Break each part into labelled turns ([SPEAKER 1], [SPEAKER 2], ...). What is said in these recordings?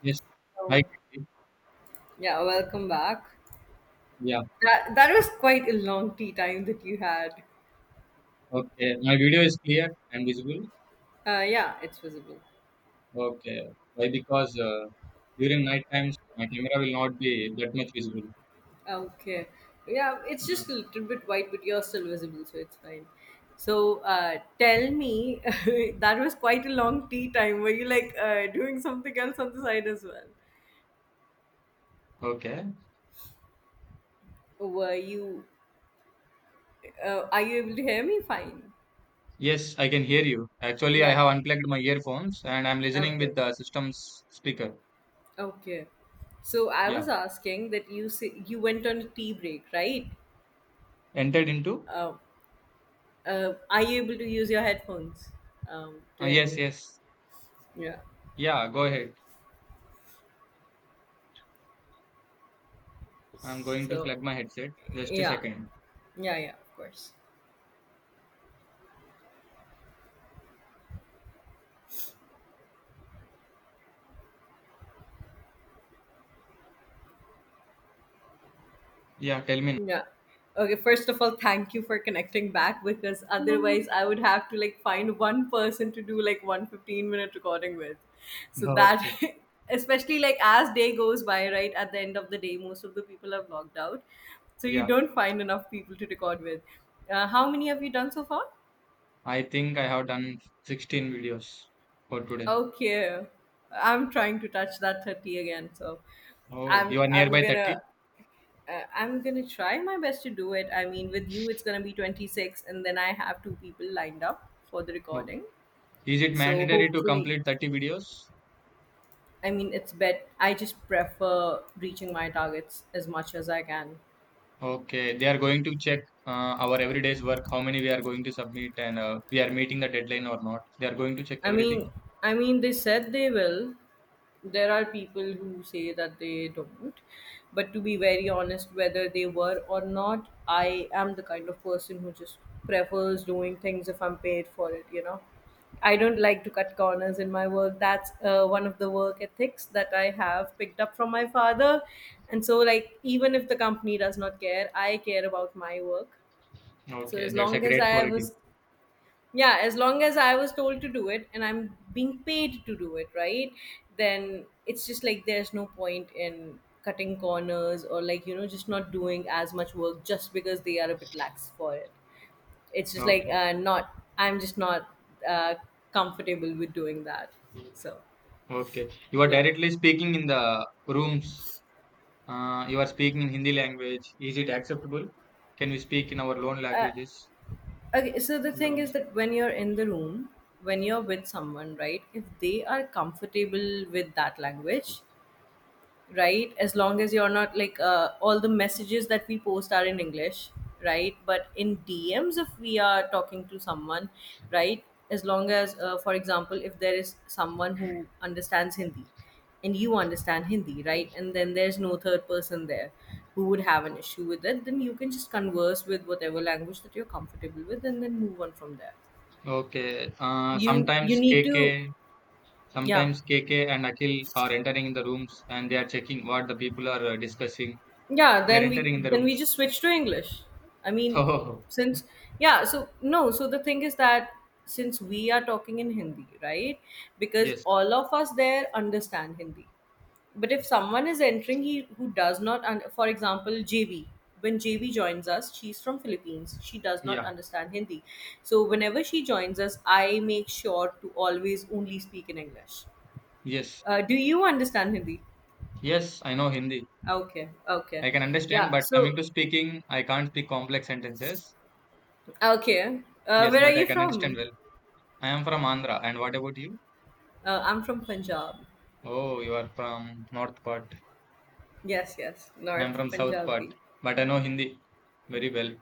[SPEAKER 1] Yes, I
[SPEAKER 2] Oh,
[SPEAKER 1] can see.
[SPEAKER 2] yeah, welcome back.
[SPEAKER 1] Yeah,
[SPEAKER 2] That was quite a long tea time that you had.
[SPEAKER 1] okay. My video is clear and visible.
[SPEAKER 2] Yeah, it's visible.
[SPEAKER 1] Okay. Why? Because during night times, my camera will not be that much visible.
[SPEAKER 2] Okay. Yeah, it's
[SPEAKER 1] Yeah.
[SPEAKER 2] just a little bit white, but you're still visible, so it's fine. So, tell me, that was quite a long tea time. Were you like doing something else on the side as well?
[SPEAKER 1] Okay.
[SPEAKER 2] Were you? Are you able to hear me fine?
[SPEAKER 1] Yes, I can hear you. Actually, I
[SPEAKER 2] Yeah.
[SPEAKER 1] have unplugged my earphones and I'm listening
[SPEAKER 2] Okay.
[SPEAKER 1] with the system's speaker.
[SPEAKER 2] Okay. So I was
[SPEAKER 1] Yeah.
[SPEAKER 2] asking that you say you went on a tea break, right?
[SPEAKER 1] Entered into?
[SPEAKER 2] Um, are you able to use your headphones do
[SPEAKER 1] Uh,
[SPEAKER 2] you know what
[SPEAKER 1] yes,
[SPEAKER 2] mean?
[SPEAKER 1] yes.
[SPEAKER 2] Yeah,
[SPEAKER 1] Yeah, go ahead. I'm going to
[SPEAKER 2] so
[SPEAKER 1] plug my headset. Just a
[SPEAKER 2] yeah,
[SPEAKER 1] second.
[SPEAKER 2] yeah, yeah, of course.
[SPEAKER 1] Yeah, tell me
[SPEAKER 2] Yeah, okay, first of all, thank you for connecting back, because
[SPEAKER 1] now.
[SPEAKER 2] otherwise I would have to like find one person to do like 1 15 minute recording with. So that,
[SPEAKER 1] Okay.
[SPEAKER 2] especially like as day goes by, right, at the end of the day most of the people have logged out, so you
[SPEAKER 1] Yeah,
[SPEAKER 2] don't find enough people to record with. How many have you done so far?
[SPEAKER 1] I think I have done 16 videos for today.
[SPEAKER 2] Okay. I'm trying to touch that 30 again, so
[SPEAKER 1] Oh,
[SPEAKER 2] I'm
[SPEAKER 1] you are
[SPEAKER 2] I'm
[SPEAKER 1] nearby
[SPEAKER 2] gonna
[SPEAKER 1] 30?
[SPEAKER 2] I'm gonna try my best to do it. I mean, with you it's gonna be 26 and then I have two people lined up for the
[SPEAKER 1] Okay.
[SPEAKER 2] recording.
[SPEAKER 1] Is it
[SPEAKER 2] So
[SPEAKER 1] mandatory to
[SPEAKER 2] hopefully,
[SPEAKER 1] complete 30 videos?
[SPEAKER 2] I mean, it's bet I just prefer reaching my targets as much as I can.
[SPEAKER 1] Okay, they are going to check our every day's work, how many we are going to submit, and we are meeting the deadline or not. They are going to check
[SPEAKER 2] I
[SPEAKER 1] everything.
[SPEAKER 2] mean, I mean, they said they will. There are people who say that they don't. But to be very honest, whether they were or not, I am the kind of person who just prefers doing things if I'm paid for it. I don't like to cut corners in my work. That's one of the work ethics that I have picked up from my father. And so, like, even if the company does not care, I care about my work. So
[SPEAKER 1] Okay,
[SPEAKER 2] as
[SPEAKER 1] that's a
[SPEAKER 2] long as
[SPEAKER 1] great
[SPEAKER 2] I
[SPEAKER 1] quality.
[SPEAKER 2] was, yeah, as long as I was told to do it and I'm being paid to do it, right, then it's just like there's no point in cutting corners or like just not doing as much work just because they are a bit lax for it. It's just like
[SPEAKER 1] Okay,
[SPEAKER 2] not, I'm just not uh, comfortable with doing that. So
[SPEAKER 1] okay. You are
[SPEAKER 2] yeah,
[SPEAKER 1] directly speaking in the rooms. You are speaking in Hindi language. Is it acceptable? Can we speak in our own languages
[SPEAKER 2] okay, so the
[SPEAKER 1] in the
[SPEAKER 2] thing is
[SPEAKER 1] rooms?
[SPEAKER 2] that when you're in the room, when you're with someone, right, if they are comfortable with that language, right? As long as you're not like all the messages that we post are in English, right? But in DMs, if we are talking to someone, right? As long as, for example, if there is someone who understands Hindi and you understand Hindi, right? And then there's no third person there who would have an issue with it, then you can just converse with whatever language that you're comfortable with and then move on from there.
[SPEAKER 1] Okay.
[SPEAKER 2] You
[SPEAKER 1] Uh,
[SPEAKER 2] need
[SPEAKER 1] sometimes
[SPEAKER 2] to,
[SPEAKER 1] KK
[SPEAKER 2] yeah.
[SPEAKER 1] Sometimes KK and Akhil are entering in the rooms and they are checking what the people are discussing.
[SPEAKER 2] Yeah,
[SPEAKER 1] They are
[SPEAKER 2] then we
[SPEAKER 1] entering in the
[SPEAKER 2] then we just
[SPEAKER 1] rooms.
[SPEAKER 2] switch to English. I mean
[SPEAKER 1] Oh,
[SPEAKER 2] since Yeah, so no, so the thing is that since we are talking in Hindi, right, because
[SPEAKER 1] yes.
[SPEAKER 2] all of us there understand Hindi, but if someone is entering, he who does not for example JV, when JV joins us, she's from Philippines, she does not
[SPEAKER 1] Yeah.
[SPEAKER 2] understand Hindi. So whenever she joins us, I make sure to always only speak in English.
[SPEAKER 1] Yes.
[SPEAKER 2] Uh, do you understand Hindi?
[SPEAKER 1] Yes, I know Hindi.
[SPEAKER 2] Okay.
[SPEAKER 1] I can understand,
[SPEAKER 2] Yeah,
[SPEAKER 1] but coming
[SPEAKER 2] so
[SPEAKER 1] to speaking, I can't speak complex sentences.
[SPEAKER 2] okay.
[SPEAKER 1] Yes,
[SPEAKER 2] Where are
[SPEAKER 1] but
[SPEAKER 2] you
[SPEAKER 1] I can understand
[SPEAKER 2] from?
[SPEAKER 1] well. I am from Andhra. And what about you?
[SPEAKER 2] I'm from Punjab.
[SPEAKER 1] Oh, you are from north part.
[SPEAKER 2] Yes, yes,
[SPEAKER 1] I am
[SPEAKER 2] North
[SPEAKER 1] from south part.
[SPEAKER 2] Punjabi.
[SPEAKER 1] But I know Hindi very well.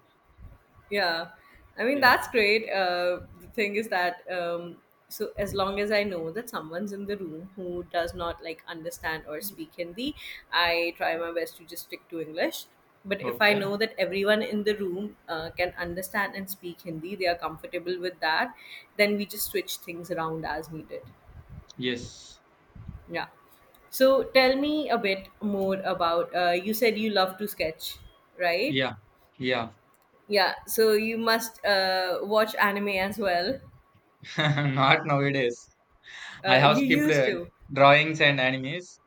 [SPEAKER 2] Yeah, I mean
[SPEAKER 1] Yeah.
[SPEAKER 2] that's great. The thing is that so as long as I know that someone's in the room who does not like understand or speak Hindi, I try my best to just stick to English. But if I
[SPEAKER 1] Okay.
[SPEAKER 2] know that everyone in the room can understand and speak Hindi, they are comfortable with that, then we just switch things around as needed.
[SPEAKER 1] Yes.
[SPEAKER 2] Yeah. So tell me a bit more about. You said you love to sketch, right?
[SPEAKER 1] Yeah. Yeah.
[SPEAKER 2] Yeah. So you must watch anime as well.
[SPEAKER 1] Not nowadays. I have
[SPEAKER 2] You
[SPEAKER 1] skipped
[SPEAKER 2] used to.
[SPEAKER 1] drawings and animes.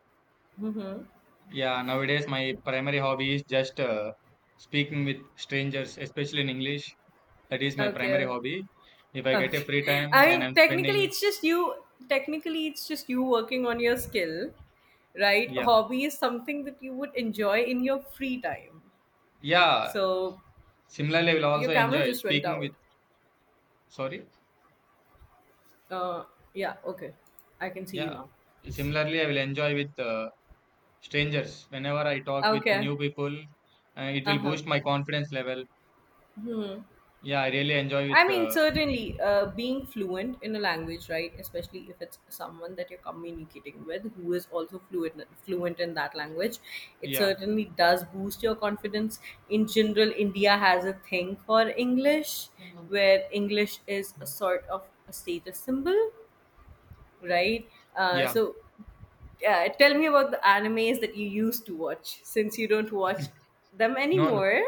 [SPEAKER 2] Mm-hmm.
[SPEAKER 1] Yeah, nowadays my primary hobby is just speaking with strangers, especially in English. That is my primary
[SPEAKER 2] Okay.
[SPEAKER 1] hobby. If I get a
[SPEAKER 2] Okay.
[SPEAKER 1] free
[SPEAKER 2] I
[SPEAKER 1] time, then
[SPEAKER 2] mean,
[SPEAKER 1] I'm
[SPEAKER 2] technically,
[SPEAKER 1] spending.
[SPEAKER 2] it's just you. Technically, it's just you working on your skill, right?
[SPEAKER 1] Yeah,
[SPEAKER 2] Hobby is something that you would enjoy in your free time.
[SPEAKER 1] yeah.
[SPEAKER 2] So
[SPEAKER 1] Similarly, I will
[SPEAKER 2] your
[SPEAKER 1] also
[SPEAKER 2] camera
[SPEAKER 1] enjoy
[SPEAKER 2] just went
[SPEAKER 1] speaking with.
[SPEAKER 2] out.
[SPEAKER 1] Sorry,
[SPEAKER 2] Uh, yeah. Okay. I can see you
[SPEAKER 1] yeah.
[SPEAKER 2] now.
[SPEAKER 1] Similarly, I will enjoy with strangers. Whenever I talk with
[SPEAKER 2] Okay.
[SPEAKER 1] new people, it
[SPEAKER 2] Uh
[SPEAKER 1] will
[SPEAKER 2] huh.
[SPEAKER 1] boost my confidence level.
[SPEAKER 2] Hmm.
[SPEAKER 1] Yeah, I really enjoy
[SPEAKER 2] I
[SPEAKER 1] with.
[SPEAKER 2] mean, certainly, being fluent in a language, right? Especially if it's someone that you're communicating with who is also fluent in that language, it
[SPEAKER 1] Yeah,
[SPEAKER 2] certainly does boost your confidence. In general, India has a thing for English, where English is a sort of a status symbol, right?
[SPEAKER 1] yeah.
[SPEAKER 2] So, tell me about the animes that you used to watch, since you don't watch them
[SPEAKER 1] No, no.
[SPEAKER 2] anymore.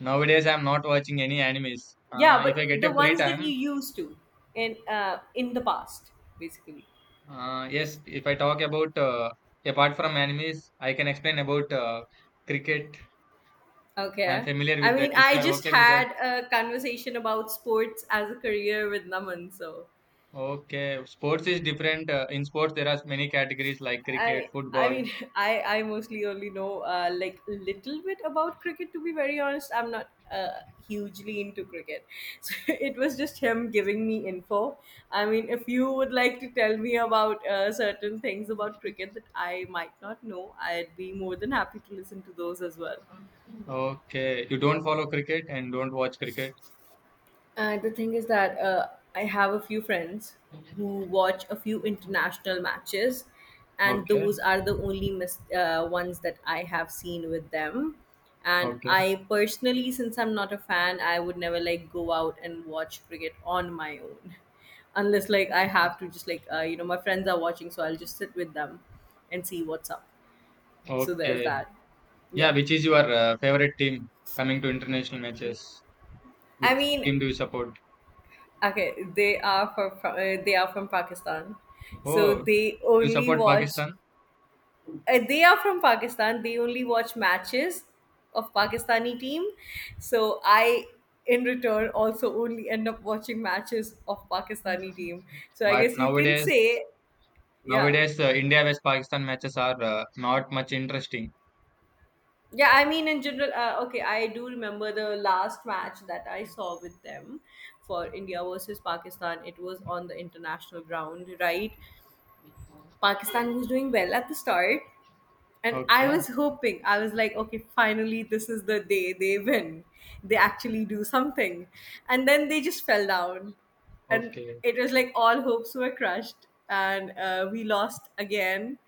[SPEAKER 1] Nowadays, I'm not watching any animes.
[SPEAKER 2] Yeah,
[SPEAKER 1] If I
[SPEAKER 2] but
[SPEAKER 1] get
[SPEAKER 2] the
[SPEAKER 1] a free
[SPEAKER 2] ones that you
[SPEAKER 1] time,
[SPEAKER 2] used to in the past, basically.
[SPEAKER 1] yes, if I talk about apart from animes, I can explain about cricket. I'm
[SPEAKER 2] Okay.
[SPEAKER 1] familiar
[SPEAKER 2] I
[SPEAKER 1] with that.
[SPEAKER 2] mean,
[SPEAKER 1] If
[SPEAKER 2] I
[SPEAKER 1] you are
[SPEAKER 2] just
[SPEAKER 1] okay with that,
[SPEAKER 2] had a conversation about sports as a career with Naman, so
[SPEAKER 1] okay. Sports is different. In sports, there are many categories like cricket,
[SPEAKER 2] I
[SPEAKER 1] football.
[SPEAKER 2] mean, I mostly only know like little bit about cricket to be very honest. I'm not hugely into cricket, so it was just him giving me info. I mean, if you would like to tell me about certain things about cricket that I might not know, I'd be more than happy to listen to those as well.
[SPEAKER 1] Okay, you don't follow cricket and don't watch cricket.
[SPEAKER 2] And the thing is that I have a few friends who watch a few international matches, and those
[SPEAKER 1] Okay,
[SPEAKER 2] are the only ones that I have seen with them. And
[SPEAKER 1] okay,
[SPEAKER 2] I personally, since I'm not a fan, I would never like go out and watch cricket on my own, unless like I have to just like my friends are watching, so I'll just sit with them and see what's up. So there's
[SPEAKER 1] okay.
[SPEAKER 2] that.
[SPEAKER 1] Yeah,
[SPEAKER 2] Yeah.
[SPEAKER 1] which is your favorite team coming to international matches?
[SPEAKER 2] I
[SPEAKER 1] Which
[SPEAKER 2] mean,
[SPEAKER 1] team do you support?
[SPEAKER 2] okay, they are from Pakistan, so
[SPEAKER 1] Oh,
[SPEAKER 2] they
[SPEAKER 1] you
[SPEAKER 2] only
[SPEAKER 1] support
[SPEAKER 2] watch.
[SPEAKER 1] Pakistan?
[SPEAKER 2] They are from Pakistan. They only watch matches of Pakistani team. So I, in return, also only end up watching matches of Pakistani team. So I
[SPEAKER 1] But
[SPEAKER 2] guess you can
[SPEAKER 1] nowadays,
[SPEAKER 2] say, yeah,
[SPEAKER 1] nowadays India vs Pakistan matches are not much interesting.
[SPEAKER 2] yeah. I mean, in general, okay. I do remember the last match that I saw with them for India versus Pakistan. It was on the international ground, right? Pakistan was doing well at the start. And I
[SPEAKER 1] Okay,
[SPEAKER 2] was hoping, I was like, okay, finally, this is the day they win. They actually do something. And then they just fell down. And
[SPEAKER 1] okay,
[SPEAKER 2] it was like all hopes were crushed. And we lost again.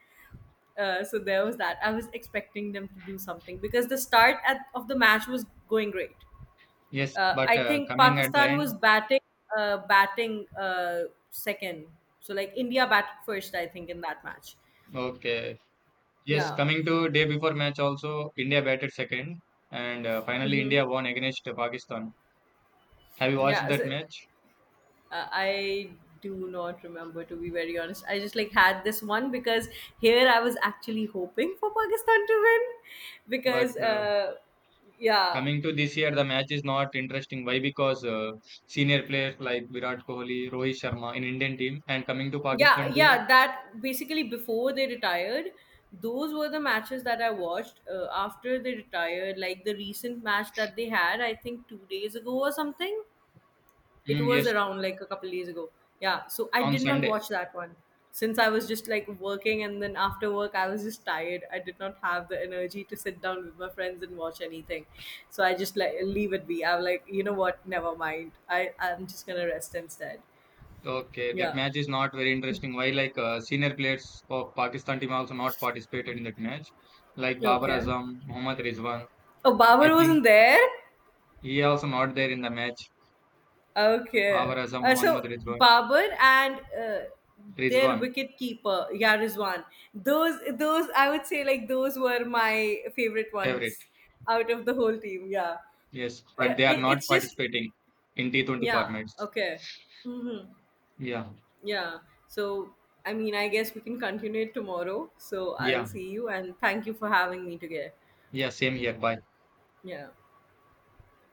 [SPEAKER 2] So there was that. I was expecting them to do something because the start at, of the match was going great.
[SPEAKER 1] yes. But
[SPEAKER 2] I think
[SPEAKER 1] coming at the
[SPEAKER 2] Pakistan
[SPEAKER 1] end,
[SPEAKER 2] was batting, uh, batting uh, second. So like India batted first, I think, in that match.
[SPEAKER 1] okay, yes.
[SPEAKER 2] Yeah.
[SPEAKER 1] Coming to day before match, also India batted second, and finally
[SPEAKER 2] Hmm.
[SPEAKER 1] India won against Pakistan. Have you watched
[SPEAKER 2] Yeah.
[SPEAKER 1] that
[SPEAKER 2] So
[SPEAKER 1] match?
[SPEAKER 2] I do not remember to be very honest. I just like had this one because here I was actually hoping for Pakistan to win
[SPEAKER 1] But
[SPEAKER 2] because yeah,
[SPEAKER 1] coming to this year, the match is not interesting. Why? Because senior players like Virat Kohli, Rohit Sharma in Indian team, and coming to
[SPEAKER 2] yeah,
[SPEAKER 1] Pakistan team,
[SPEAKER 2] yeah. That basically before they retired, those were the matches that I watched after they retired. Like the recent match that they had, I think 2 days ago or something. It
[SPEAKER 1] mm,
[SPEAKER 2] was
[SPEAKER 1] yes,
[SPEAKER 2] around like a couple days ago. Yeah, so I
[SPEAKER 1] on
[SPEAKER 2] did not
[SPEAKER 1] Sunday.
[SPEAKER 2] watch that one since I was just like working and then after work I was just tired. I did not have the energy to sit down with my friends and watch anything. So I just like leave it be. I'm like, you know what? Never mind. I'm just going to rest instead.
[SPEAKER 1] Okay, that
[SPEAKER 2] Yeah.
[SPEAKER 1] match is not very interesting. Why, like, senior players of Pakistan team also not participated in that match, like Babar
[SPEAKER 2] Okay.
[SPEAKER 1] Azam, Mohammad Rizwan.
[SPEAKER 2] Oh,
[SPEAKER 1] I
[SPEAKER 2] Babar
[SPEAKER 1] think
[SPEAKER 2] wasn't there?
[SPEAKER 1] he also not there in the match.
[SPEAKER 2] Okay.
[SPEAKER 1] Babar Azam, Mohammad
[SPEAKER 2] So
[SPEAKER 1] Rizwan,
[SPEAKER 2] Babur and their
[SPEAKER 1] Rizwan,
[SPEAKER 2] wicket keeper Yarizwan. Those I would say like those were my favorite
[SPEAKER 1] favorite.
[SPEAKER 2] ones out of the whole team. Yeah.
[SPEAKER 1] Yes, but they are not
[SPEAKER 2] It's just
[SPEAKER 1] participating in T20
[SPEAKER 2] yeah.
[SPEAKER 1] formats.
[SPEAKER 2] Okay. Mm-hmm.
[SPEAKER 1] Yeah,
[SPEAKER 2] Yeah. So I mean, I guess we can continue it tomorrow. So I'll
[SPEAKER 1] yeah,
[SPEAKER 2] see you and thank you for having me today.
[SPEAKER 1] yeah. Same here. Bye.
[SPEAKER 2] Yeah.